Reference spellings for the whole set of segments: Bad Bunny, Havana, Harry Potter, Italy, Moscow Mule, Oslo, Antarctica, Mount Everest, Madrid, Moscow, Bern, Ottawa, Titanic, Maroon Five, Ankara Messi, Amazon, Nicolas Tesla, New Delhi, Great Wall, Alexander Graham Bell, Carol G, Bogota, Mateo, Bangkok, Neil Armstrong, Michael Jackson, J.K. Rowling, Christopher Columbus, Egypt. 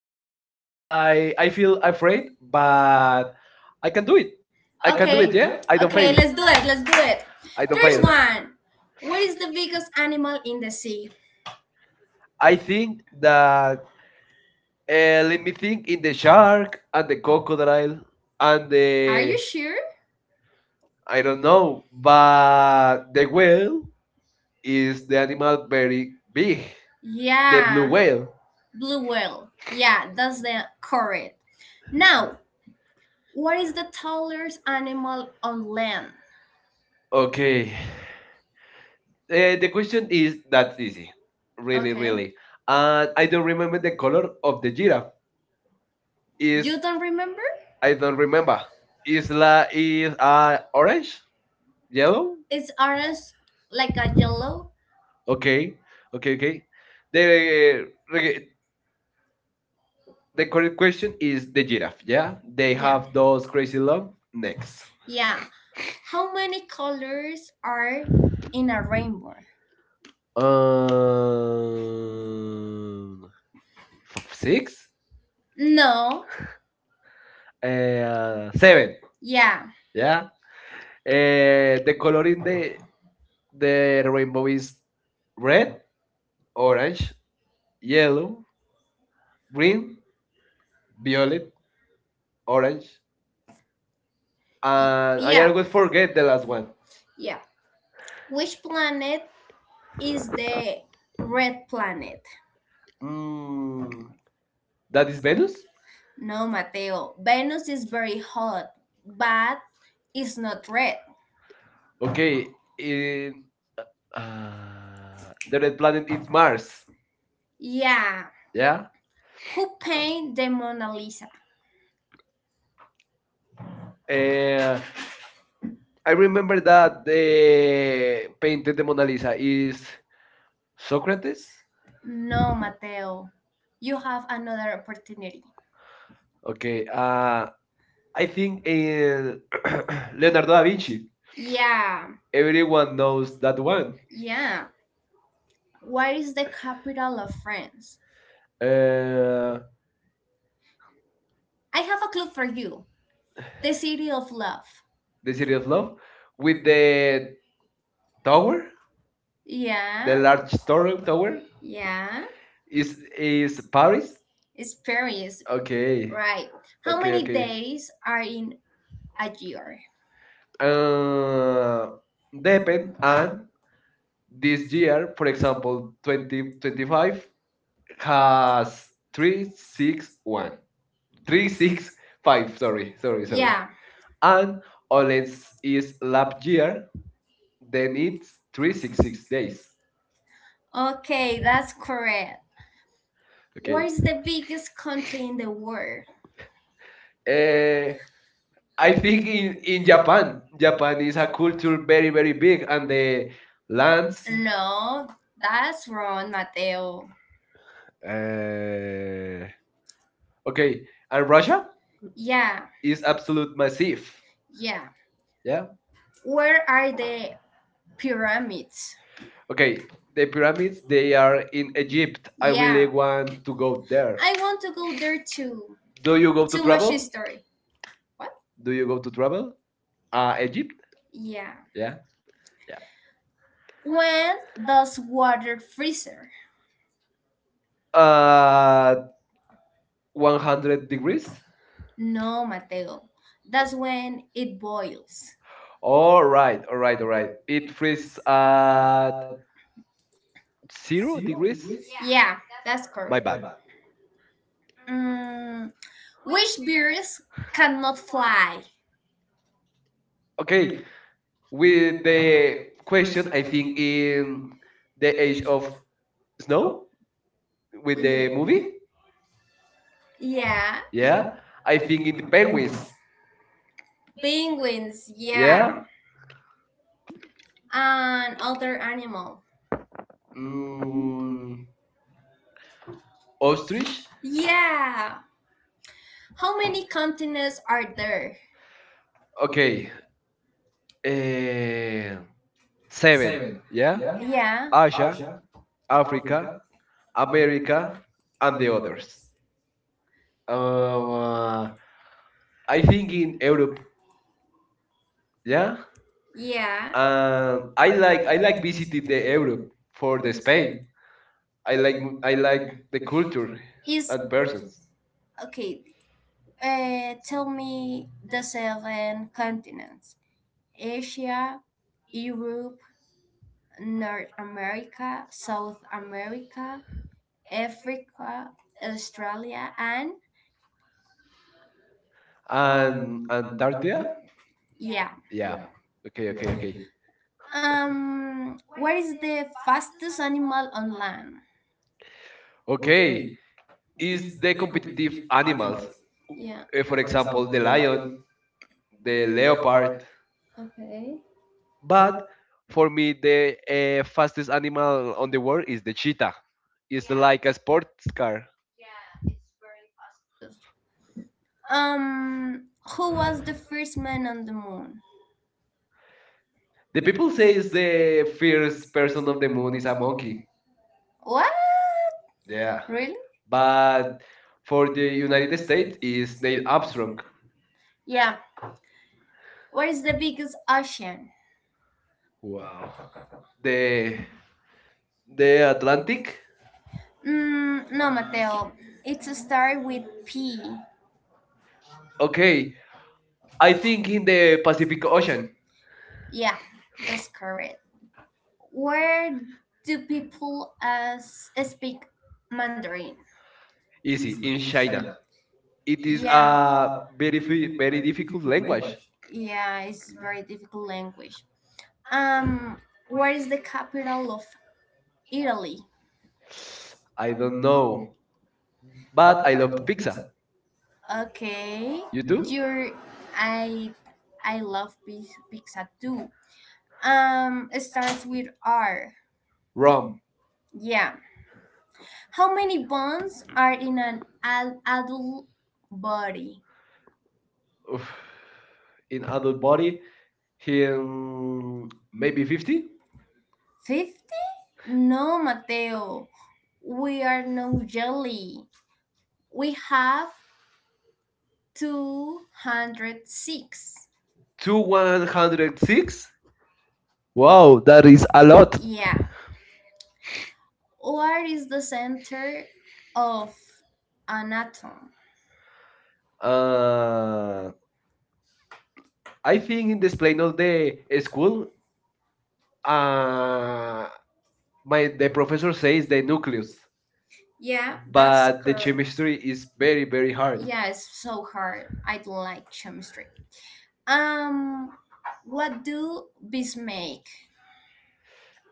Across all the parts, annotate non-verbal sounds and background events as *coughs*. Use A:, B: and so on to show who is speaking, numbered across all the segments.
A: Let's try.
B: Try.
A: I feel
B: I'm
A: afraid,
B: afraid.
A: but
B: Uh,
A: I can do it. I
B: I
A: can do
B: can do
A: it.
B: Okay. it,
A: Yeah,
B: yeah?
A: I
B: I can
A: don't
B: do Okay,
A: fail.
B: it. Let's do it. Let's do it.
A: I
B: I can do
A: don't
B: First it.
A: fail.
B: One. What is the biggest animal in the sea? I
A: I
B: think
A: think
B: that
A: that
B: I
A: let me
B: think
A: think in the
B: it's shark
A: shark and
B: and
A: the
B: the crocodile
A: crocodile
B: and
A: and
B: the. Are
A: the
B: you sure?
A: I
B: I
A: don't
B: don't
A: know,
B: know
A: but the whale is the animal very
B: very the
A: big.
B: blue
A: The blue
B: Yeah. whale.
A: whale.
B: Blue whale. Yeah, that's the correct. Now, what is the tallest animal on land?
A: Okay. The question is that
B: That's easy.
A: easy,
B: Really,
A: really,
B: Okay.
A: really.
B: really.
A: And I
B: I
A: don't remember
B: remember
A: the color of the giraffe.
B: this.
A: Is
B: You don't remember?
A: I
B: I
A: don't remember. Is la is orange, yellow?
B: It's orange like a yellow
A: Okay,
B: Okay,
A: okay,
B: okay, okay.
A: okay.
B: The
A: The uh,
B: re-
A: the
B: the
A: correct
B: correct
A: question
B: question
A: is
B: is
A: the
B: the giraffe.
A: giraffe. Yeah,
B: Yeah,
A: they
B: they Yeah.
A: have
B: have
A: those
B: those
A: crazy
B: crazy
A: long
B: long necks.
A: necks.
B: Yeah. How many colors are in a rainbow? Um,
A: Um,
B: six,
A: six,
B: No. uh,
A: seven.
B: seven. Yeah.
A: Yeah. The color in the rainbow is red,
B: All right,
A: orange, yellow, green,
B: green.
A: violet, orange,
B: And I'm
A: and I
B: Yeah.
A: always
B: gonna go
A: forget
B: to
A: the
B: the
A: last
B: last
A: one.
B: one. Yeah. Which planet is the red planet? Hmm.
A: Mm, that is Venus.
B: No, Mateo. Venus is very hot, but it's not red.
A: Okay,
B: It,
A: in,
B: uh,
A: the red planet is Mars.
B: Yeah.
A: Yeah.
B: Who painted the Mona Lisa?
A: Uh,
B: Uh,
A: I
B: I remember
A: remember that
B: it
A: the painted the Mona Lisa is
B: is
A: Socrates.
B: No, Mateo. You have another opportunity.
A: Okay.
B: uh,
A: I
B: I think
A: think
B: eh,
A: in *clears throat* Leonardo
B: Leonardo
A: da
B: da
A: Vinci.
B: Vinci Yeah.
A: Everyone knows
B: knows
A: that
B: that
A: one.
B: one. Yeah. What is the capital of France?
A: Uh,
B: Uh, I have a clue for you. The city of love.
A: the city of love, with the
B: The
A: tower,
B: Tower?
A: the large
B: Yeah.
A: tower.
B: Sorrel
A: Tower
B: Tower? Yeah.
A: is Paris.
B: Paris? It's Paris. Hey.
A: Okay,
B: Right. How
A: okay,
B: many Okay.
A: okay.
B: days are in a year?
A: Uh,
B: Uh,
A: Depend
B: 7
A: and
B: and
A: this year, for example,
B: twenty
A: 2025
B: twenty-five,
A: has three
B: three
A: six one
B: one,
A: three
B: three six
A: six five.
B: five.
A: Sorry,
B: Sorry. Sorry.
A: sorry, sorry.
B: Yeah.
A: And
B: Sorry. And
A: Olen's
B: let's
A: is
B: is
A: lap year.
B: here,
A: Then
B: then
A: it's three
B: it's
A: six six days.
B: days. Okay, that's correct.
A: Okay.
B: Where is the biggest country in the world?
A: Uh,
B: Uh,
A: I
B: I
A: think
B: think
A: in,
B: in,
A: in
B: in
A: Japan,
B: Japan,
A: Japan is a culture very, very big, and the
B: uh, Lance.
A: lands.
B: No, that's wrong, Mateo. Uh,
A: Uh, okay, and Russia
B: Yeah,
A: is absolute massive.
B: yeah.
A: Yeah.
B: Where are the pyramids?
A: Okay, the pyramids, they
B: They
A: are
B: are
A: in
B: in Egypt.
A: Egypt. I
B: I Yeah. I
A: really
B: really
A: want to
B: want.
A: go
B: Yeah.
A: there.
B: I want to go there too.
A: Do you go
B: Go
A: to
B: Too to much Cabo.
A: travel?
B: History. What?
A: Do you go to travel? Egypt?
B: Yeah.
A: Yeah. Yeah.
B: When does water freezer? Uh,
A: Uh, 100 degrees?
B: No, Mateo. That's when it boils.
A: All right,
B: Right,
A: all
B: all
A: right,
B: right,
A: all
B: all
A: right.
B: right.
A: It
B: It
A: freezes
B: freezes
A: at
B: at
A: zero
B: 0 degrees.
A: degrees?
B: Yeah, that's correct.
A: My
B: My
A: bad.
B: bad. Mm, which birds cannot fly?
A: Okay,
B: Okay,
A: with
B: with
A: the
B: the
A: question, I think in
B: in
A: the
B: the
A: age
B: age
A: of
B: of
A: snow
B: snow,
A: with the movie.
B: Yeah.
A: Yeah,
B: yeah,
A: I
B: in
A: think in the
B: the
A: penguins.
B: penguins, Penguins, yeah.
A: Yeah,
B: yeah, and other animal.
A: mm,
B: Mm,
A: ostrich.
B: ostrich. Yeah. How many continents are there?
A: Okay,
B: Okay, eh,
A: eh, seven.
B: seven,
A: Yeah,
B: yeah, Yeah.
A: Asia, Africa, America,
B: Africa,
A: and the
B: the
A: others.
B: others.
A: Um,
B: Uh,
A: uh, I
B: I
A: think
B: think
A: in
B: in
A: Europe. Yeah.
B: yeah, Yeah. I like
A: I like visiting the Europe for the Spain.
B: Spain. I like
A: I
B: I
A: like
B: like
A: the culture
B: Is
A: and
B: at
A: persons.
B: persons. Okay. Tell me the seven continents: Asia, Europe, North America, South America, Africa, Australia,
A: And
B: and
A: Antarctica?
B: Antarctica. Yeah.
A: Yeah.
B: Yeah.
A: Okay,
B: Okay.
A: okay,
B: Okay.
A: okay.
B: Okay. What is the fastest animal on land?
A: Okay.
B: Okay.
A: Is
B: Is
A: the
B: the
A: competitive
B: competitive
A: animals,
B: animals. Yeah.
A: for
B: For
A: example,
B: example,
A: the
B: the
A: lion,
B: lion.
A: the leopard.
B: Apart. Okay.
A: But for me, the
B: A a
A: fastest animal on the world is the cheetah. It's like
B: Yeah,
A: a sports car.
B: car. Yeah, it's very fast. Um, who was the first man on the moon?
A: The
B: It
A: people say it's
B: says the
A: the first
B: first
A: person
B: person
A: of
B: on
A: the
B: the
A: moon
B: moon
A: is
B: is
A: a
B: a
A: monkey.
B: monkey. What?
A: Yeah.
B: Yeah. Really?
A: But
B: But
A: for
B: for the
A: the United
B: United
A: States is Neil Armstrong.
B: States. Yeah. Where is the biggest ocean?
A: Wow. The
B: the
A: the
B: the
A: Atlantic.
B: Mm, no, Mateo. It starts with P.
A: Okay, I
B: I
A: think
B: think
A: in
B: in
A: the
B: the
A: Pacific Ocean.
B: ocean. Yeah, that's correct. Where do people as speak Mandarin?
A: Easy
B: Easy
A: in
B: in
A: China.
B: China. It
A: It
B: is
A: is
B: Yeah,
A: a
B: a very,
A: very
B: very
A: difficult
B: difficult
A: language.
B: language. Yeah, it's very difficult language. Um, where is the capital of Italy?
A: I don't know,
B: No,
A: but I
B: I
A: love
B: love
A: pizza.
B: pizza. Okay,
A: You
B: You do?
A: do?
B: You're I I love pizza too. It starts with R.
A: Rum.
B: Wrong. Yeah. How many bones are in an adult body?
A: Oof.
B: Oof.
A: In
B: In
A: adult
B: adult body,
A: body, him
B: him
A: maybe 50
B: 50? No, Mateo. We are no jelly. We have 206.
A: to
B: Two what?
A: 106. Wow, that is a lot.
B: Yeah. What is the center of an atom? Uh,
A: Uh, I
B: I think
A: think in
B: in the
A: this plane of the school,
B: school, uh,
A: uh, my the professor says the nucleus,
B: Yeah, that's but
A: but
B: the
A: the
B: correct.
A: chemistry is very very hard.
B: Hard. Yeah, it's so hard. I don't like chemistry. Um, what do bees make?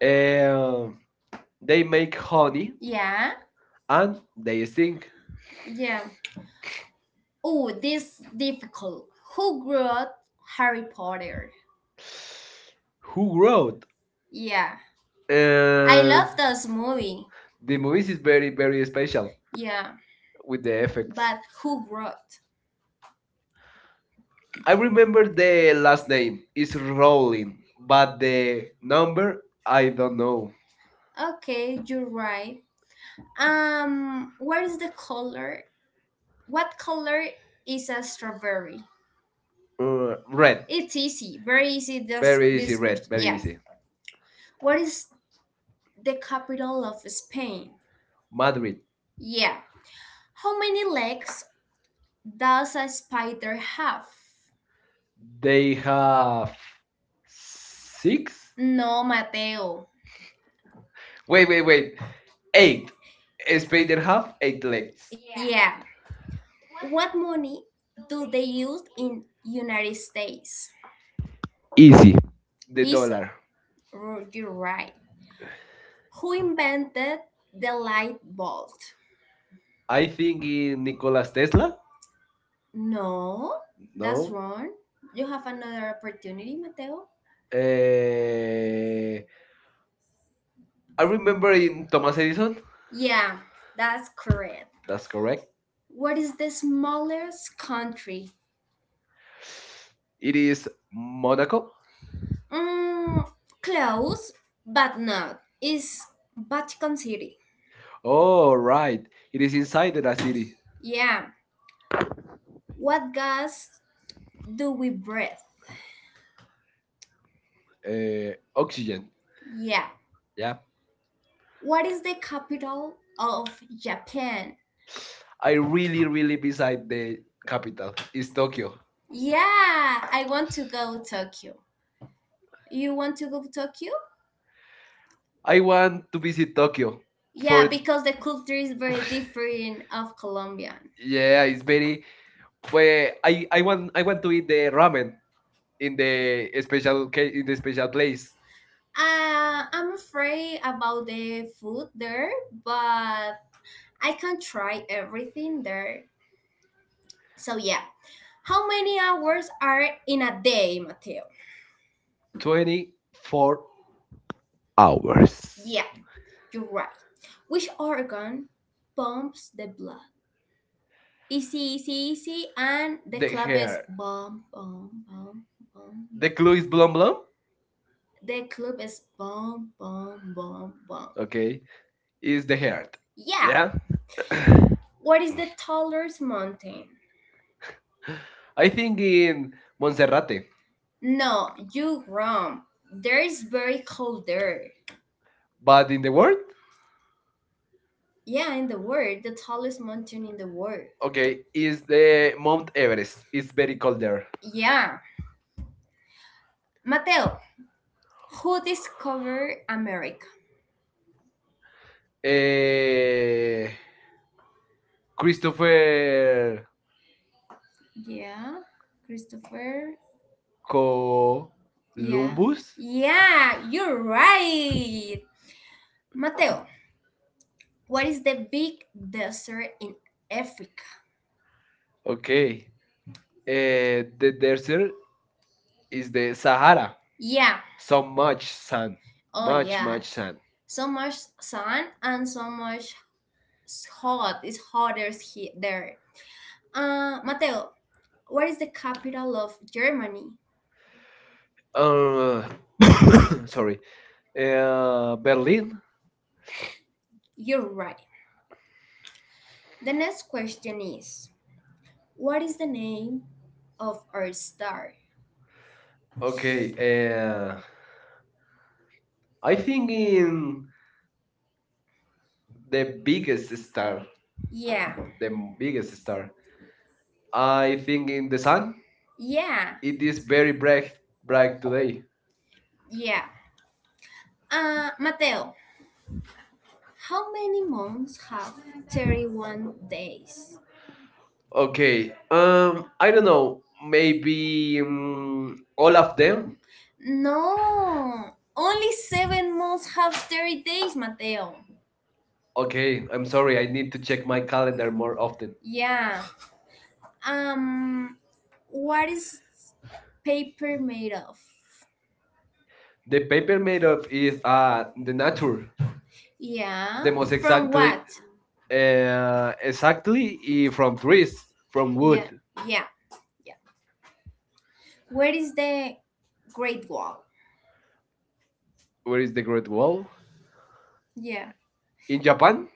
A: Um, they make honey
B: Yeah,
A: and they stink.
B: yeah. Oh, this difficult. Who grew up Harry Potter?
A: Who
B: Who
A: wrote?
B: Yeah, I
A: Uh,
B: love this movie.
A: the
B: The
A: movies
B: movies?
A: is
B: Is
A: very very special
B: Yeah,
A: with the effects.
B: but who wrote?
A: I remember the last
B: They
A: name is
B: calling.
A: Rowling, but the number I
B: I
A: don't
B: don't
A: know.
B: know. Okay, you're right. What is the color? What color is a strawberry?
A: Red.
B: It's easy, very easy. This Very
A: Very
B: easy,
A: easy,
B: this right?
A: red.
B: question, Very
A: Very
B: yeah.
A: easy.
B: easy. What is the capital of Spain?
A: Madrid.
B: Madrid. Yeah. How many legs does a spider have?
A: They
B: They have
A: have six?
B: No, Mateo.
A: Wait, wait, wait. Eight. Spider have eight legs.
B: Yeah. What money do they use in United States?
A: Easy.
B: Easy. The
A: The
B: Easy?
A: dollar.
B: Dollar. You're right. Who invented the light bulb?
A: I
B: I
A: think
B: think
A: in
B: in
A: Nicolas Tesla.
B: No, that's
A: No.
B: No? wrong. You have another opportunity, Mateo. Eh,
A: Eh, I
B: I
A: remember
B: remember
A: in
B: in
A: Thomas
B: Thomas
A: Edison.
B: Edison. Yeah, that's correct.
A: That's
B: That's
A: correct.
B: right. What is the smallest country?
A: It is
B: Modern.
A: Monaco.
B: Mm, close, but not. Is Vatican City.
A: Oh, right. It is inside the
B: La
A: city.
B: City. Yeah. What gas do we breathe? Oxygen.
A: Oxygen.
B: Yeah.
A: Yeah.
B: What is the capital of Japan?
A: I really, really
B: Really
A: beside
B: beside
A: the
B: the
A: capital
B: capital.
A: is
B: Is
A: Tokyo.
B: Tokyo. Yeah, I want to go Tokyo. You want to go to Tokyo?
A: I
B: I want
A: want to
B: to
A: visit
B: visit
A: Tokyo
B: Tokyo. Yeah,
A: for.
B: so because the culture is very
A: *laughs*
B: different of Colombian.
A: yeah,
B: Yeah,
A: it's very. Well, I want to eat the ramen
B: in
A: in
B: the
A: the in the special place.
B: I'm afraid about the food there, but I can try everything there. So yeah, how many hours are in a day, Mateo? tw-
A: 24 hours.
B: Yeah, you're right. Which organ pumps the blood? Easy, easy, easy, and the They,
A: The
B: club is
A: hair.
B: yeah, bomb, bomb, bomb, bomb.
A: The
B: They,
A: clue is blum blum.
B: the club is bomb, bomb, bomb, bomb. Okay.
A: Okay, is
B: Is
A: the
B: the, Yeah.
A: heart. Yeah.
B: yeah.
A: *coughs*
B: What is the tallest mountain? I
A: I think
B: think
A: in
B: in
A: Monserrate,
B: No, you wrong. There is very cold there. But
A: but in
B: in
A: the
B: the
A: world,
B: world, yeah, in the world, the tallest mountain in the world.
A: okay,
B: Okay,
A: is the Mount Everest. It's very cold
B: cold
A: there.
B: there. Yeah. Mateo, who discovered America?
A: Eh,
B: Eh, Christopher
A: Christopher
B: Yeah, Christopher. So,
A: Columbus.
B: Yeah. Columbus? Yeah, you're right. Mateo, what is the big desert in Africa?
A: Okay.
B: eh,
A: The desert is
B: Is
A: the
B: the
A: Sahara.
B: Yeah.
A: So
B: So
A: much sun,
B: Oh much
A: much,
B: yeah.
A: much
B: much
A: sun.
B: So much sun and so much hot. It's hotter here there. Mateo, what is the capital of Germany? uh
A: Uh, *coughs*
B: sorry
A: sorry. Berlin.
B: Berlin. You're right. The next question is what is the name of our star.
A: Okay.
B: Okay, uh,
A: I
B: I
A: think
B: think
A: in
B: in
A: the
B: the big
A: biggest
B: star,
A: star,
B: Yeah,
A: the
B: the big
A: biggest star.
B: star.
A: I
B: I
A: think
B: think
A: in
B: in
A: the
B: the
A: sun.
B: sun, yeah,
A: It is very
B: right?
A: bright today.
B: Yeah. Mateo, how many months have 31 days?
A: Okay. I
B: I
A: don't
B: don't
A: know.
B: know,
A: Maybe
B: maybe um,
A: all of them.
B: then. No, only 7 months have 30 days, Mateo.
A: Okay. I'm
B: I'm
A: sorry.
B: sorry,
A: I
B: I
A: need
B: need
A: to
B: to
A: check
B: check
A: my
B: my
A: calendar
B: calendar
A: more
B: more.
A: often.
B: Yeah. Um, what is paper made of?
A: The paper made of is
B: Y-
A: the nature.
B: Yeah.
A: The
B: That
A: most
B: was From exactly-
A: exactly
B: what? uh, actually, if
A: from trees from wood.
B: Yeah, yeah. Where is the Great Wall?
A: Where is the Great Wall?
B: Yeah.
A: In
B: In,
A: Japan?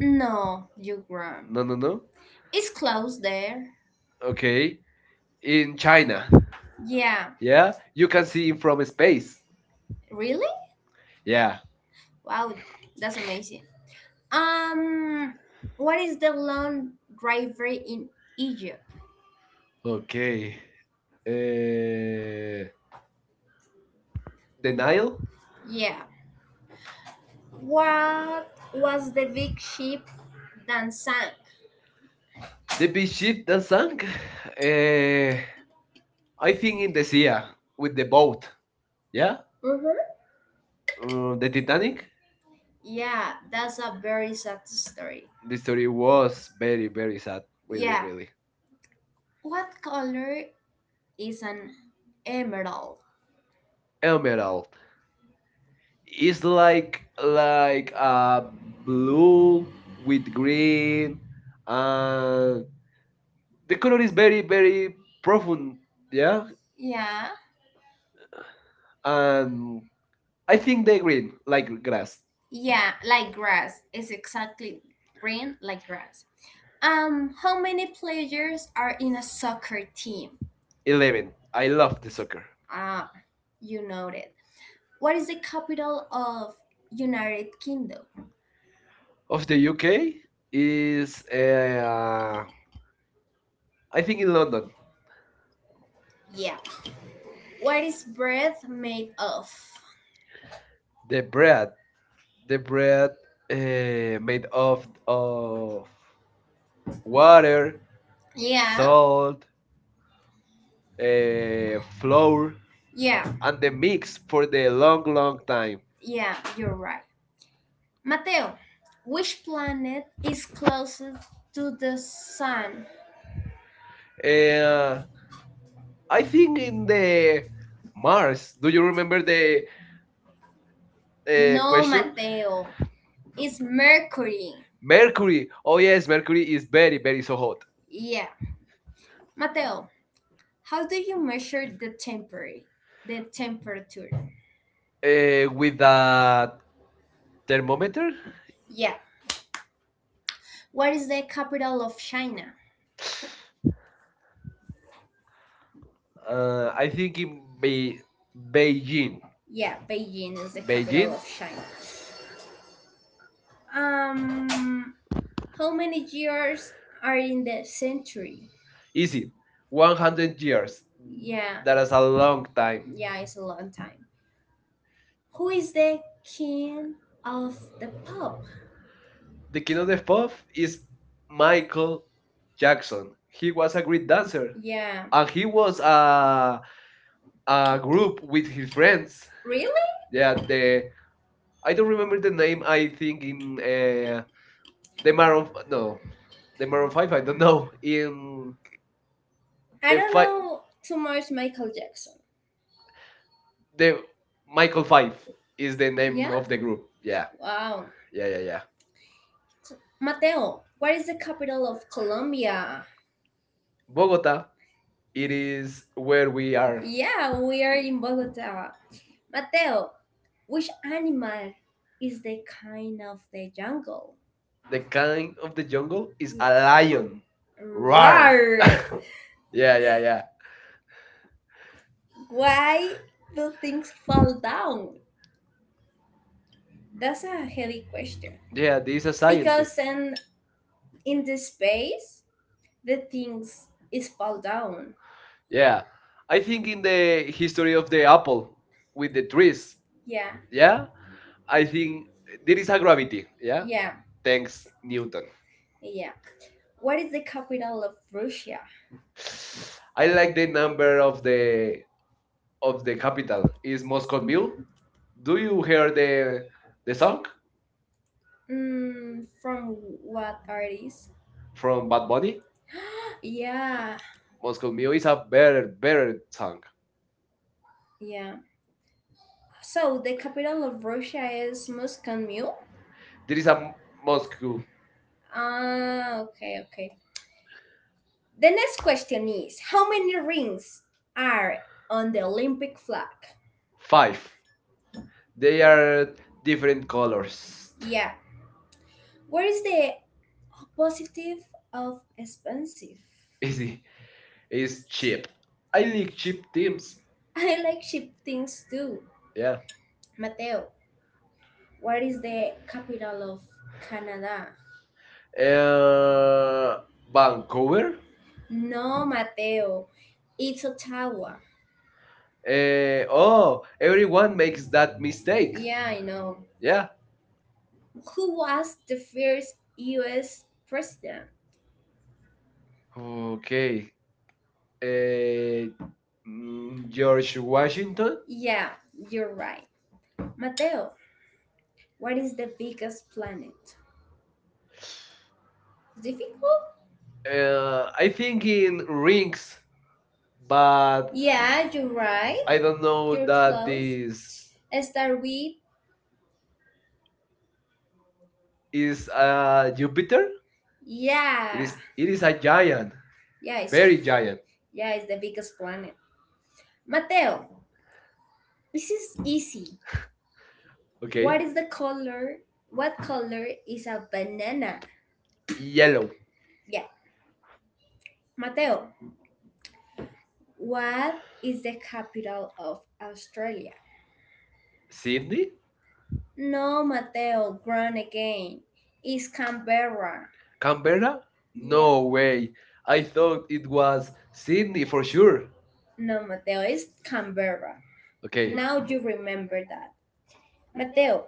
B: No, you're wrong.
A: No, no,
B: But
A: no.
B: it's close there.
A: Okay. In
B: In China,
A: China.
B: Yeah. Yeah.
A: Yeah. You can see it from space.
B: Really?
A: Yeah.
B: Wow, that's amazing. Um, what is the long river in Egypt?
A: Okay. Uh,
B: uh,
A: the
B: the
A: Nile,
B: Nile, Yeah. What was the big ship that sank?
A: the
B: The
A: big
B: big
A: ship
B: ship
A: that
B: that
A: sank.
B: sank. Uh,
A: Uh, I
B: I
A: think
B: think
A: in
B: in
A: the
B: the
A: sea with the boat. Yeah.
B: yeah Mm-hmm. or
A: The
B: the
A: Titanic.
B: Titanic. Yeah, that's a very sad story.
A: The
B: This
A: story was very
B: very
A: very
B: very
A: sad.
B: sad.
A: Really
B: Yeah.
A: really.
B: Very, what color is an emerald?
A: Emerald is
B: Very- Like
A: like a blue
B: with
A: with green,
B: green. Uh,
A: and the color
B: color
A: is
B: is
A: very
B: very.
A: very profound. Yeah.
B: Yeah.
A: And
B: Um,
A: I
B: I
A: think
B: think
A: the
B: they
A: green like
B: like
A: grass.
B: grass. Yeah, like grass. It's exactly green like grass. How many players are in a soccer team?
A: 11.
B: 11.
A: I
B: I love.
A: love the soccer.
B: Ah, you know it. What is the capital of United Kingdom? Of
A: Of
B: the
A: the
B: UK
A: UK is
B: is. Uh,
A: I
B: I think
A: think
B: it's
A: in London.
B: Yeah. What is bread made of?
A: The
B: the,
A: bread
B: the
A: the bread made
B: made
A: of
B: of
A: of water,
B: water. Yeah. Salt,
A: salt,
B: uh,
A: flour,
B: Yeah.
A: and the
B: And
A: mix for the long long time.
B: Yeah, you're right. Mateo, which planet is closest to the sun?
A: uh, I
B: I
A: think
B: think in
A: in
B: the
A: the Mars,
B: Mars.
A: do
B: Do
A: you
B: you
A: remember
B: remember
A: the
B: the? The No, question?
A: question?
B: Mateo. It's mercury.
A: Mercury, oh yes, Mercury is very very so hot.
B: Yeah. Mateo, how do you measure the temperature? The temperature. With
A: With a
B: the
A: thermometer.
B: Yeah. What is the capital of China? uh,
A: I think in Be-
B: ba-
A: Beijing,
B: Yeah, Beijing is the capital Beijing.
A: Beijing,
B: Of China. Um, how many years are in the century?
A: easy,
B: one hundred
A: 100
B: years.
A: years.
B: Yeah.
A: That
B: That
A: is
B: is
A: a
B: a
A: long
B: long
A: time.
B: time. Yeah, it's a long time. Who is the king of the pop?
A: The
B: The
A: king
B: king
A: of
B: of
A: the
B: the
A: pop
B: pop
A: is
B: is
A: Michael
B: Michael
A: Jackson.
B: Jackson,
A: He was a
B: the
A: great dancer,
B: dancer, Yeah.
A: and
B: and
A: he
B: he
A: was
B: was
A: a
B: a
A: group
B: group
A: with his friends.
B: Really? Yeah,
A: Yeah, the
B: the
A: I
B: I
A: don't
B: don't
A: remember
B: remember
A: the
B: the thing
A: name. I think
B: in
A: in uh, the
B: the
A: Maroon
B: Maroon
A: f- no,
B: no
A: the
B: the
A: Maroon
B: Maroon
A: Five.
B: Five
A: I
B: I
A: don't
B: don't
A: know
B: know
A: in
B: in I
A: the
B: don't
A: five
B: know too much Michael Jackson.
A: the Michael Five is
B: Is
A: the
B: the name
A: name
B: Yeah?
A: of
B: of
A: the
B: the
A: group.
B: group.
A: Yeah.
B: Yeah, wow.
A: Yeah, yeah, yeah.
B: Mateo, what is the capital of Colombia?
A: Bogota, it
B: It
A: is
B: is
A: where
B: where
A: we
B: we are.
A: are.
B: Yeah, we are in Bogota. Mateo, which animal is the kind of the jungle?
A: The king
B: Lion-
A: of the jungle is a
B: A
A: lion.
B: lion.
A: Roar.
B: Roar. Roar! *laughs*
A: *laughs* yeah,
B: Yeah,
A: yeah,
B: yeah, yeah.
A: yeah.
B: Why do things fall down? That's a heavy question.
A: Yeah,
B: Yeah,
A: this is a
B: society. Because
A: scientist.
B: in the space, the things is fall down.
A: Yeah. I
B: I think
A: think in
B: in
A: the
B: the
A: history
B: history
A: of
B: of
A: the apple with the trees,
B: Yeah, yeah,
A: yeah, I
B: I think
A: think there is a gravity,
B: yeah.
A: yeah?
B: Yeah,
A: Thanks
B: thanks, Newton.
A: Newton.
B: Yeah. What is the capital of Russia?
A: I like the number of the capital is
B: Is
A: Moscow
B: Moscow
A: Mule. Do
B: Do
A: you
B: you
A: hear
B: hear uh,
A: the
B: the
A: song
B: song Mm, from what artist?
A: from
B: From
A: Bad
B: Bad
A: Bunny?
B: Bunny? Yeah,
A: Moscow
B: Moscow
A: Mule is
B: is
A: a
B: a
A: better,
B: better.
A: better song.
B: Yeah. So the capital of Russia is Moscow Mule.
A: There
B: This
A: is
B: is
A: a M- Moscow
B: Moscow. Ah, okay, okay. The next question is how many rings are on the Olympic flag?
A: 5. They are different colors.
B: Colors.
A: Yeah.
B: Yeah. Where is the Positive of expensive.
A: Easy.
B: Easy.
A: It's cheap. I
B: I
A: like
B: like
A: cheap teams.
B: tips. *laughs* I like cheap things too.
A: Yeah.
B: Mateo, what is the capital of Canada?
A: Uh,
B: Uh, Vancouver?
A: Vancouver.
B: No, Mateo. It's Ottawa.
A: Oh,
B: Oh,
A: everyone
B: one main
A: makes that
B: state.
A: mistake.
B: Yeah, I know.
A: Yeah.
B: Yeah.
A: I
B: Who was the first US president?
A: know. Yeah. Okay.
B: Okay.
A: Uh,
B: Mm,
A: George
B: George
A: Washington.
B: Washington? Yeah, you're right. Mateo, what is the biggest planet? Difficult?
A: I
B: I
A: think
B: think
A: in
B: in
A: rings,
B: rings, but
A: but
B: yeah, you're right.
A: I
B: I
A: don't
B: don't know.
A: know
B: You're
A: that
B: that close.
A: this
B: Is Start with
A: is
B: Jupiter.
A: Jupiter.
B: It yeah. is,
A: It
B: it
A: is
B: is
A: a
B: a
A: giant,
B: giant, yeah, it's
A: very
B: very
A: giant.
B: giant. Yeah, it's the biggest planet. Mateo, this is easy.
A: Okay,
B: What okay, is the color? What color is a banana?
A: yellow.
B: Yellow. Yeah. Mateo, what is the capital of Australia?
A: Sydney,
B: Sydney? No, Mateo, grown again. It's Canberra. Canberra?
A: Canberra? No
B: No way.
A: way. I
B: No,
A: thought it
B: it
A: was
B: was
A: Sydney
B: Sydney
A: for
B: for
A: sure.
B: sure. No, Mateo, it's Canberra. Okay.
A: Okay,
B: Now you remember that. Mateo,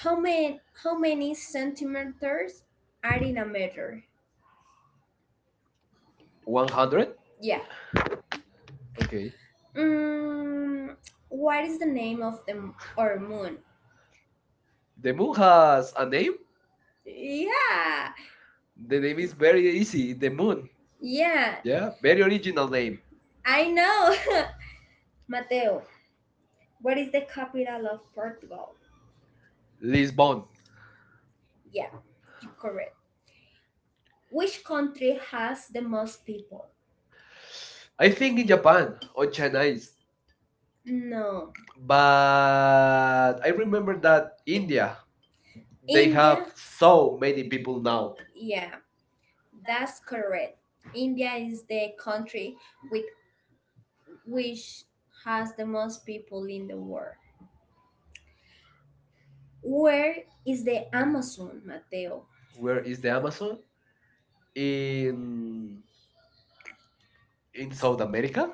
B: how many centimeters are in a meter?
A: 100.
B: 100? Yeah. Okay.
A: Okay,
B: Mm, what is the name of the our moon?
A: the
B: The
A: moon
B: moon
A: has
B: has
A: a
B: a
A: name.
B: name? Yeah. The
A: The name
B: name
A: is
B: is
A: very
B: very
A: easy.
B: easy.
A: The
B: The
A: moon.
B: moon. Yeah,
A: Yeah,
B: yeah,
A: very
B: very
A: original
B: original
A: name.
B: name. I know. *laughs* Mateo, what is the capital of Portugal? Lisbon.
A: Lisbon.
B: Yeah, you're correct. Which country has the most people?
A: I
B: I
A: think
B: think
A: in
B: in
A: Japan
B: Japan or
A: on
B: China
A: Chinese.
B: is. No.
A: But
B: I
A: I remember
B: remember
A: that
B: that India.
A: India, they
B: They have
A: have
B: India?
A: so
B: So
A: many
B: many people
A: people
B: now.
A: now.
B: Yeah, that's correct. India is the country with which has the most people in the world. Where is the Amazon, Mateo?
A: Where
B: Where
A: is
B: is
A: the
B: the Amazon?
A: Amazon? In
B: In in
A: South
B: South
A: America?
B: America?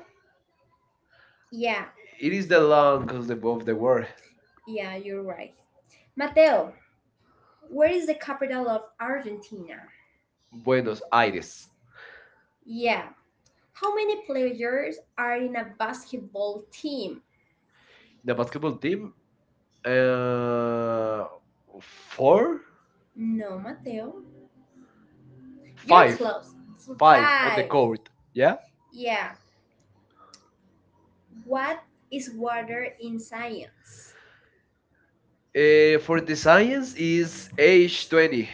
B: Yeah,
A: It
B: it
A: is
B: is
A: the
B: the
A: land
B: longest
A: of
B: above
A: the
B: the
A: world.
B: world. Yeah, you're right. Mateo, where is the capital of Argentina? Buenos.
A: Buenos Aires.
B: Yeah. How many players are in a basketball team?
A: The basketball
B: The
A: team,
B: team, uh,
A: uh,
B: four.
A: four,
B: No, Mateo. You're five
A: five,
B: close. So five.
A: five on the
B: Five. Code.
A: court.
B: Yeah.
A: Yeah.
B: Yeah. What is water in science?
A: For the
B: Uh,
A: science
B: science
A: is
B: is a,
A: age 20,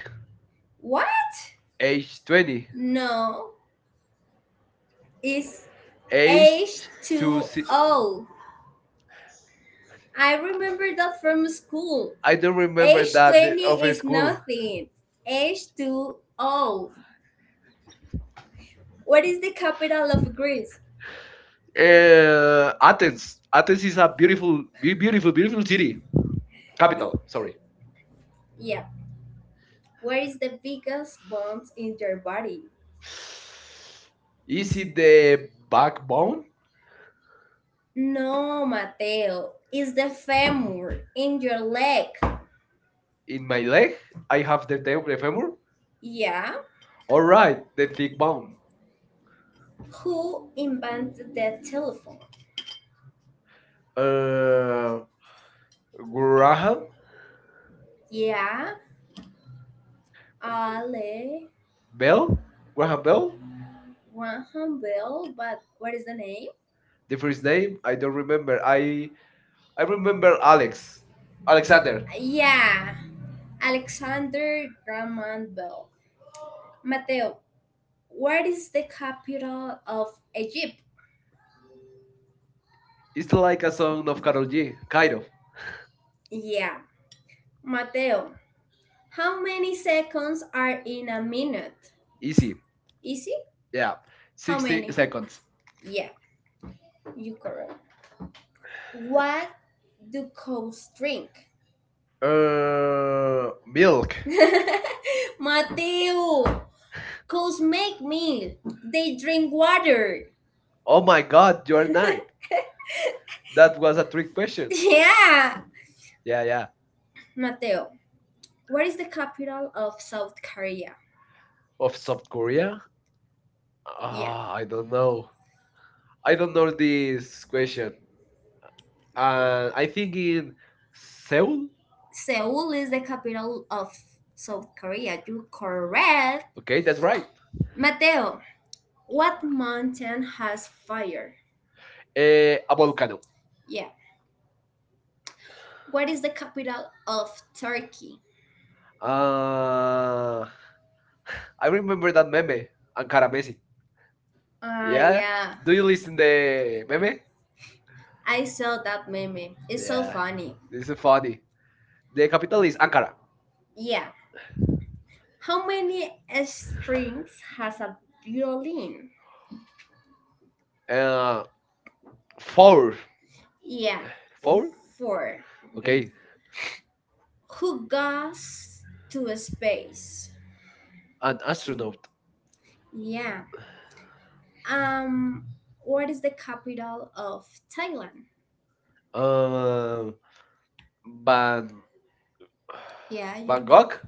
B: what?
A: age 20,
B: No, it's a
A: age to si-
B: H2O. I remember that from school. I
A: I don't
B: remember
A: remember
B: H that
A: that the
B: H20
A: of
B: other
A: a
B: is from school.
A: school.
B: Nothing. H2O. What is the capital of Greece? Uh,
A: Athens. Athens is a beautiful, beautiful,
B: beautiful,
A: beautiful
B: beautiful
A: city.
B: city
A: Capital.
B: capital.
A: Sorry.
B: Yeah. Where is the biggest bone in your body?
A: Is it the backbone
B: Bone? No, Mateo. It's the femur in your leg.
A: in my leg? I have the femur.
B: Yeah.
A: All right, the thick bone.
B: Who invented the telephone?
A: Uh, Graham
B: Yeah. Ale Bell?
A: Bell. Graham
B: Graham
A: Bell.
B: Bell? Graham Bell, but what is the name?
A: The first name
B: They,
A: I don't remember. I
B: I
A: remember
B: remember
A: Alex. Alexander.
B: Alexander. Yeah. Alexander Graham Bell. Mateo, what is the capital of Egypt? It's
A: It's like
B: like
A: a
B: a sound
A: song of
B: of.
A: Carol G. Kind of
B: Yeah. Mateo, how many seconds are in a minute?
A: easy.
B: Easy?
A: Yeah,
B: How 60
A: 60
B: many? Seconds.
A: seconds.
B: Yeah, you correct. What do cows drink? Uh...
A: Milk.
B: *laughs* Mateo, cows make milk. They drink water.
A: Oh my god, you are nice.
B: *laughs*
A: That was
B: That.
A: a trick question. *laughs*
B: Yeah.
A: Yeah, yeah.
B: Mateo, what is the capital of South Korea?
A: Of South Korea?
B: Yeah.
A: Ah,
B: I
A: I
B: don't
A: don't know.
B: know.
A: I don't know this
B: This
A: question.
B: question.
A: I
B: I
A: think
B: think
A: in
B: in
A: Seoul.
B: Seoul is the capital of South Korea. You're correct.
A: Okay,
B: Okay,
A: that's
B: that's
A: right.
B: right. Mateo, what mountain has fire?
A: A
B: About.
A: volcano.
B: Yeah. What is the capital of Turkey? uh,
A: Uh,
B: I
A: I
B: remember.
A: remember that meme, Ankara Messi.
B: Yeah.
A: Yeah.
B: yeah.
A: Do
B: Do
A: you
B: you
A: listen the
B: uh,
A: meme?
B: maybe I saw that meme. It's so
A: Yeah.
B: funny.
A: This is funny. The capital is Ankara.
B: Yeah. How many strings has a violin?
A: Uh,
B: uh,
A: four,
B: Yeah.
A: four.
B: Four. Okay?
A: Okay,
B: Who goes to space. An
A: an astronaut.
B: astronaut. Yeah. Um, what is the capital of Thailand? Uh,
A: Um, Ban,
B: Ban- Yeah, you
A: Bangkok,
B: Bangkok.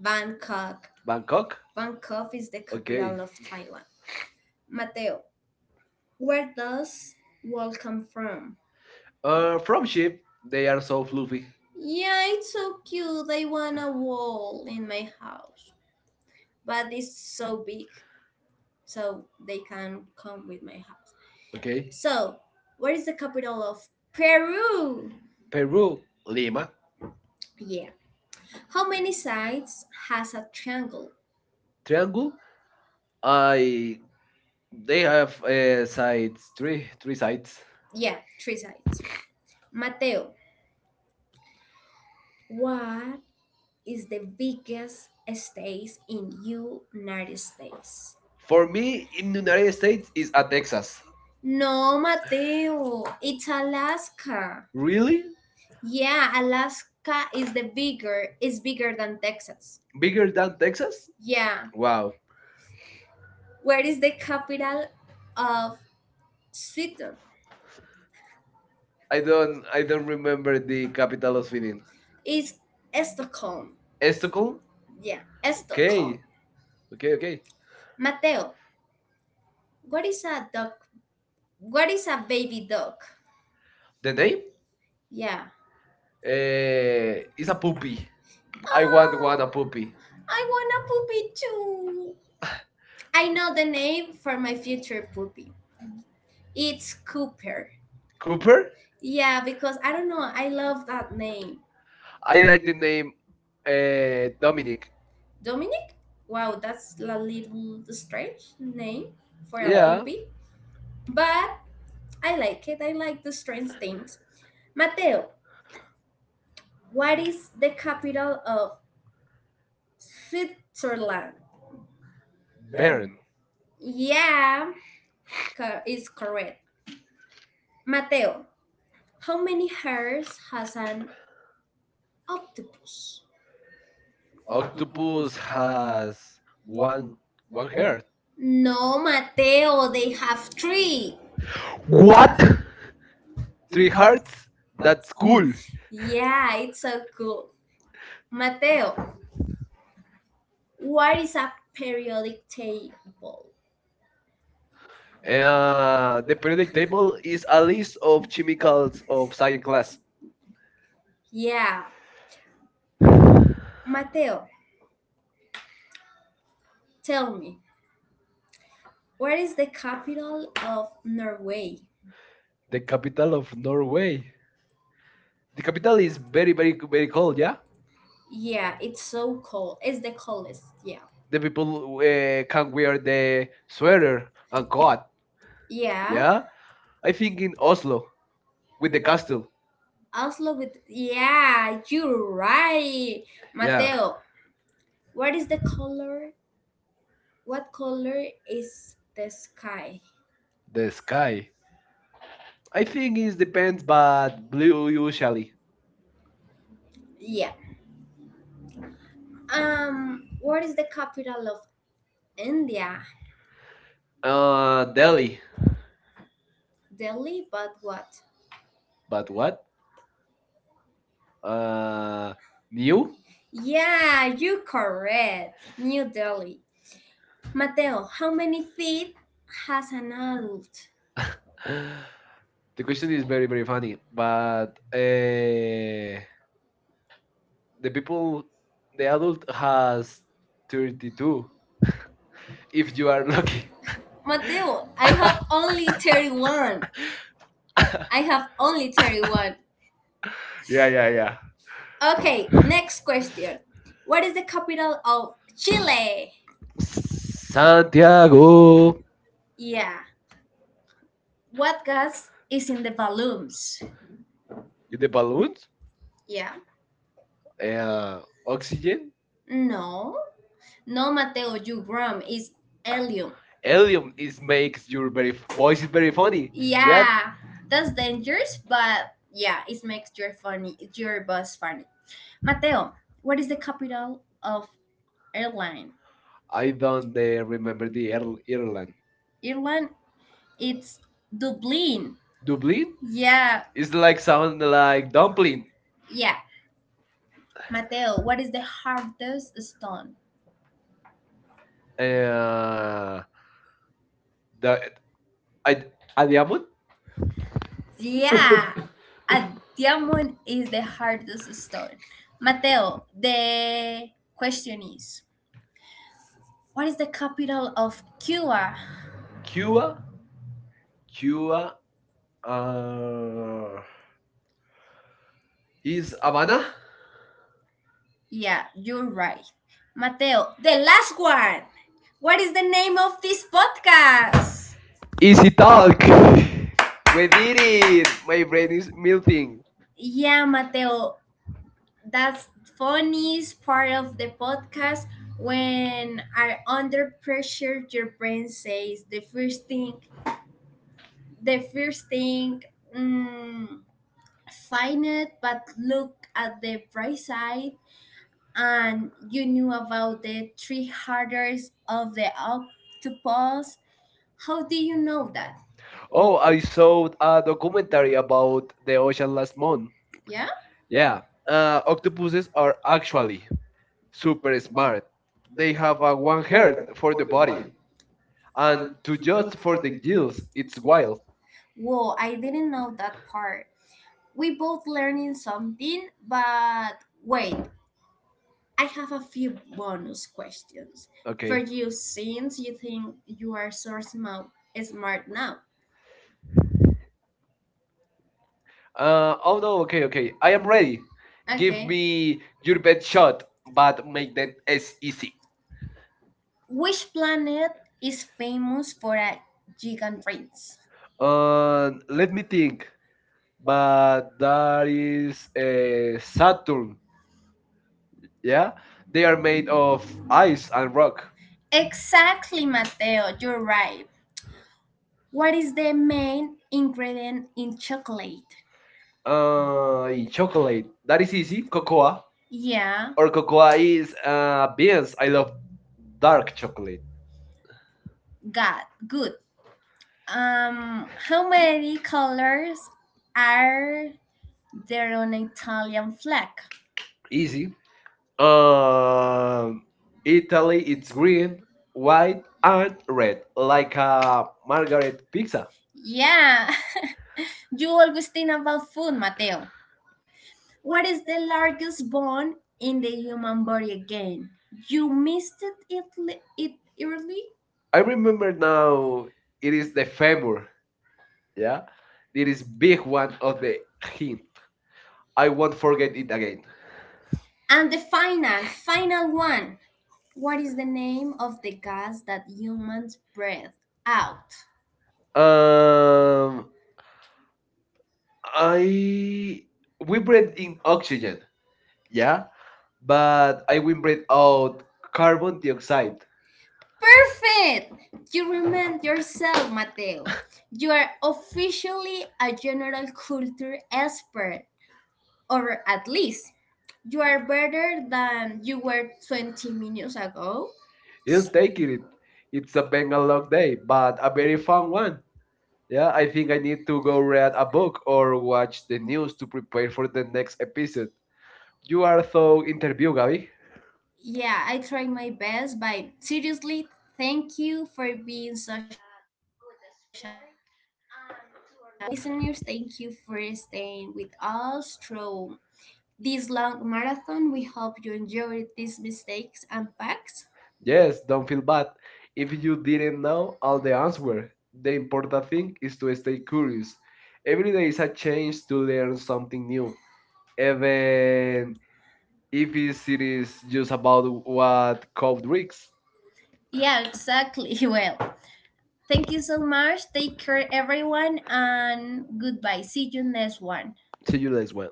B: Bangkok.
A: Bangkok.
B: Bangkok is the okay.
A: Okay.
B: capital of Thailand. Mateo, where does wall come from?
A: From
B: From
A: ship,
B: the
A: they are so
B: of Luffy.
A: fluffy.
B: Yeah, it's so cute. I want a wall in my house, but it's so big. So they can come with my house.
A: Okay.
B: Okay. So, what is the capital of Peru?
A: Peru, Lima.
B: Yeah. How many sides has a triangle? Triangle.
A: Triangle.
B: They-
A: I they
B: they-
A: have sides three three sides.
B: Yeah, three sides. Mateo, what is the biggest state in United States?
A: For
B: For me,
A: me, in
B: in
A: the
B: the
A: United
B: United
A: States
B: States,
A: is a Texas.
B: no, Mateo, it's Alaska. Really?
A: Really?
B: Yeah, Alaska is the bigger, is bigger than Texas.
A: Bigger
B: Bigger
A: than
B: than?
A: Texas?
B: Yeah.
A: Wow.
B: Wow. Where is the capital of Sweden? I don't
A: I
B: I
A: don't
B: don't
A: remember
B: remember the
A: the capital
B: capital
A: of
B: of
A: Sweden.
B: Sweden. It's Stockholm.
A: Stockholm.
B: Stockholm? Yeah, okay. Stockholm.
A: Okay,
B: Okay.
A: okay, okay.
B: Mateo, what is a dog? What is a baby dog? The
A: The name
B: name? Yeah.
A: is
B: Uh,
A: a
B: Poopy.
A: puppy.
B: I
A: I want
B: want
A: one
B: want
A: a
B: a puppy.
A: puppy.
B: I want a puppy too. I know the name for my future puppy. It's Cooper.
A: Cooper.
B: Cooper. Yeah, because I don't know, I love that name.
A: I
B: I
A: like
B: like
A: the
B: the
A: name
B: name Dominic.
A: Dominic.
B: Dominic? Wow, that's a little strange name for a, yeah.
A: Yeah,
B: puppy. But I like it. I like the strange things. Mateo, what is the capital of Switzerland? Bern.
A: Baron.
B: Yeah, is correct. Mateo, how many hairs has an octopus?
A: Octopus
B: Octopus has
A: has
B: one
A: one one
B: one
A: heart.
B: hair. No, Mateo, they have three. What?
A: What? Three
B: Three hearts?
A: hearts. That's
B: That's
A: cool.
B: cool. Yeah, it's so cool. Mateo, what is a periodic table? The
A: The periodic
B: periodic
A: table
B: table
A: is
B: is
A: a
B: a
A: list
B: list
A: of
B: of chemicals
A: chemicals of
B: of
A: science
B: science.
A: class.
B: Yeah, Mateo, tell me, where is the capital of Norway?
A: The capital
B: Of
A: of Norway. The capital is very, very, very cold. Yeah.
B: Yeah, it's so cold. It's the coldest. Yeah.
A: The people can wear the sweater and coat.
B: Yeah.
A: Yeah,
B: Yeah, I
A: I
B: think
A: think in Oslo with
B: with
A: the castle.
B: Oslo with yeah, you're right. Yeah,
A: Yeah,
B: Mateo, what is the color? What color is the sky?
A: the
B: This.
A: sky.
B: I
A: I
B: think
A: think it
B: it's the.
A: depends, but blue usually.
B: Yeah. What is the capital of India? Delhi.
A: Delhi,
B: Delhi, but what?
A: but what?
B: Uh,
A: Uh, new.
B: Yeah, you correct. New Delhi. Mateo, how many feet has an adult?
A: *gasps* *sighs* The question is very very funny, but
B: Uh,
A: the people, the adult has 32.
B: 32.
A: If you are lucky. *laughs*
B: Mateo, I have only 31. I have only 31.
A: Yeah, yeah, yeah.
B: Okay, next question. What is the capital of Chile?
A: Santiago.
B: Oh, yeah. What gas is in the balloons?
A: The
B: The balloon?
A: balloons,
B: Yeah. Uh,
A: uh,
B: ox-
A: oxygen.
B: No. No, Mateo, you gram is alien.
A: Helium
B: Elvis
A: is
B: makes
A: makes your very voice
B: voice
A: is very
B: very funny.
A: funny.
B: Yeah,
A: Yeah. Yet
B: right? That's dangerous, but yeah, it makes your funny your boss funny. Mateo, what is the capital of Ireland?
A: I
B: I don't
A: don't remember
B: remember
A: the
B: the
A: Irl
B: airline.
A: Ireland.
B: Ireland, it's Dublin. Dublin?
A: Dublin
B: Yeah,
A: is like sound like dumpling.
B: Yeah. Mateo, what is the hardest stone? Uh,
A: Uh, the
B: the,
A: I a diamond.
B: yeah, *laughs* a diamond is the hardest stone. Mateo, the question is, what is the capital of Cuba?
A: Cuba,
B: Cuba. Cuba.
A: Cuba.
B: Uh,
A: Uh, is
B: is
A: Havana.
B: Havana? Yeah, you're right. Mateo, the last one. What is the name of this podcast?
A: Easy talk. We
B: We
A: did
B: did it.
A: it. My
B: My
A: brain
B: brain is
A: is
B: melting.
A: melting.
B: Yeah, Mateo, that's funniest part of the podcast when are under pressure your brain says the first thing mm, find it but look at the bright side and you knew about the three harders of the octopus how do you know that.
A: Oh,
B: Oh, I
A: I
B: saw
A: saw
B: a
A: a documentary
B: documentary about
A: about the
B: the ocean
A: ocean last
B: last month.
A: month.
B: Yeah. Yeah.
A: Yeah, octopuses
B: Octopuses
A: are
B: are actually
A: actually
B: super
A: super smart.
B: smart.
A: They
B: They have
A: have a
B: a
A: one
B: one
A: heart
B: heart for
A: for
B: the
A: the
B: body,
A: body, and
B: and
A: to
B: to
A: just
B: just
A: for the gills,
B: it's
A: it's wild.
B: wild. Whoa, I didn't know that part. We both learning something, but wait, I have a few bonus questions for
A: Okay.
B: okay. you since you think you are so smart, smart now.
A: Oh
B: Oh,
A: no, okay, okay. I
B: I
A: am
B: am ready.
A: ready.
B: Give
A: Give
B: okay. me
A: me your best shot, but make them
B: make.
A: as easy.
B: Which planet is famous for a gigant prince?
A: Let me think.
B: uh,
A: But that is Saturn. Yeah, they are made of
B: the.
A: ice and rock.
B: Exactly, Mateo, you're right. What is the main ingredient in chocolate? In chocolate,
A: Chocolate. That is
B: is
A: easy.
B: it
A: Cocoa
B: Yeah,
A: or
B: or
A: cocoa is beans. I love
B: dark?
A: dark chocolate.
B: God, good. How many colors are there on an Italian flag?
A: Easy.
B: Um,
A: Um, Italy. It's green, white, and red, like a margaret pizza.
B: Yeah, *laughs* you always think about food, Mateo. What is the largest bone in the human body again? You missed it, it, it early?
A: I
B: I
A: remember
B: remember
A: now. It is the femur.
B: favor
A: Yeah, it is big one of
B: of
A: the
B: the
A: hint. I won't forget
B: forget it
A: it
B: again.
A: again.
B: And the final, final one. What is the name of the gas that humans breathe out?
A: Um,
B: Um, I
A: I we
B: we
A: breathe
B: breathe
A: in
B: in
A: oxygen.
B: oxygen.
A: Yeah, but
B: But
A: I
B: I
A: will
B: will
A: breathe
B: breathe out
A: out carbon
B: carbon.
A: dioxide.
B: Perfect! You remind yourself, Mateo. You are officially a general culture expert, or at least you are better than you were 20 minutes ago.
A: He'll take it. It's a
B: A very
A: Bengal a long day, but a very fun
B: fun
A: one.
B: one
A: Yeah, I think I need to
B: to
A: go
B: go.
A: read a book or watch the news to prepare for the next episode. You are so interview, Gabi.
B: Yeah, I tried my best, but seriously, thank you for being such a listeners. Thank you for staying with us through this long marathon. We hope you enjoyed these mistakes and facts.
A: Yes,
B: Yes,
A: don't
B: don't
A: feel
B: feel
A: bad.
B: bad.
A: If
B: If you
A: you didn't
B: didn't
A: know
B: know,
A: all the
B: were
A: answer, the
B: they were
A: important thing is to stay curious.
B: curious,
A: Every day is a chance
B: change
A: to
B: to
A: learn
B: learn
A: something
B: something new.
A: new. Even
B: Even
A: if
B: if it's
A: it's- it
B: silly.
A: is just about what Cove drinks.
B: Yeah, exactly. *laughs* Well, thank you so much. Take care, everyone, and goodbye. See you next one.
A: See you later.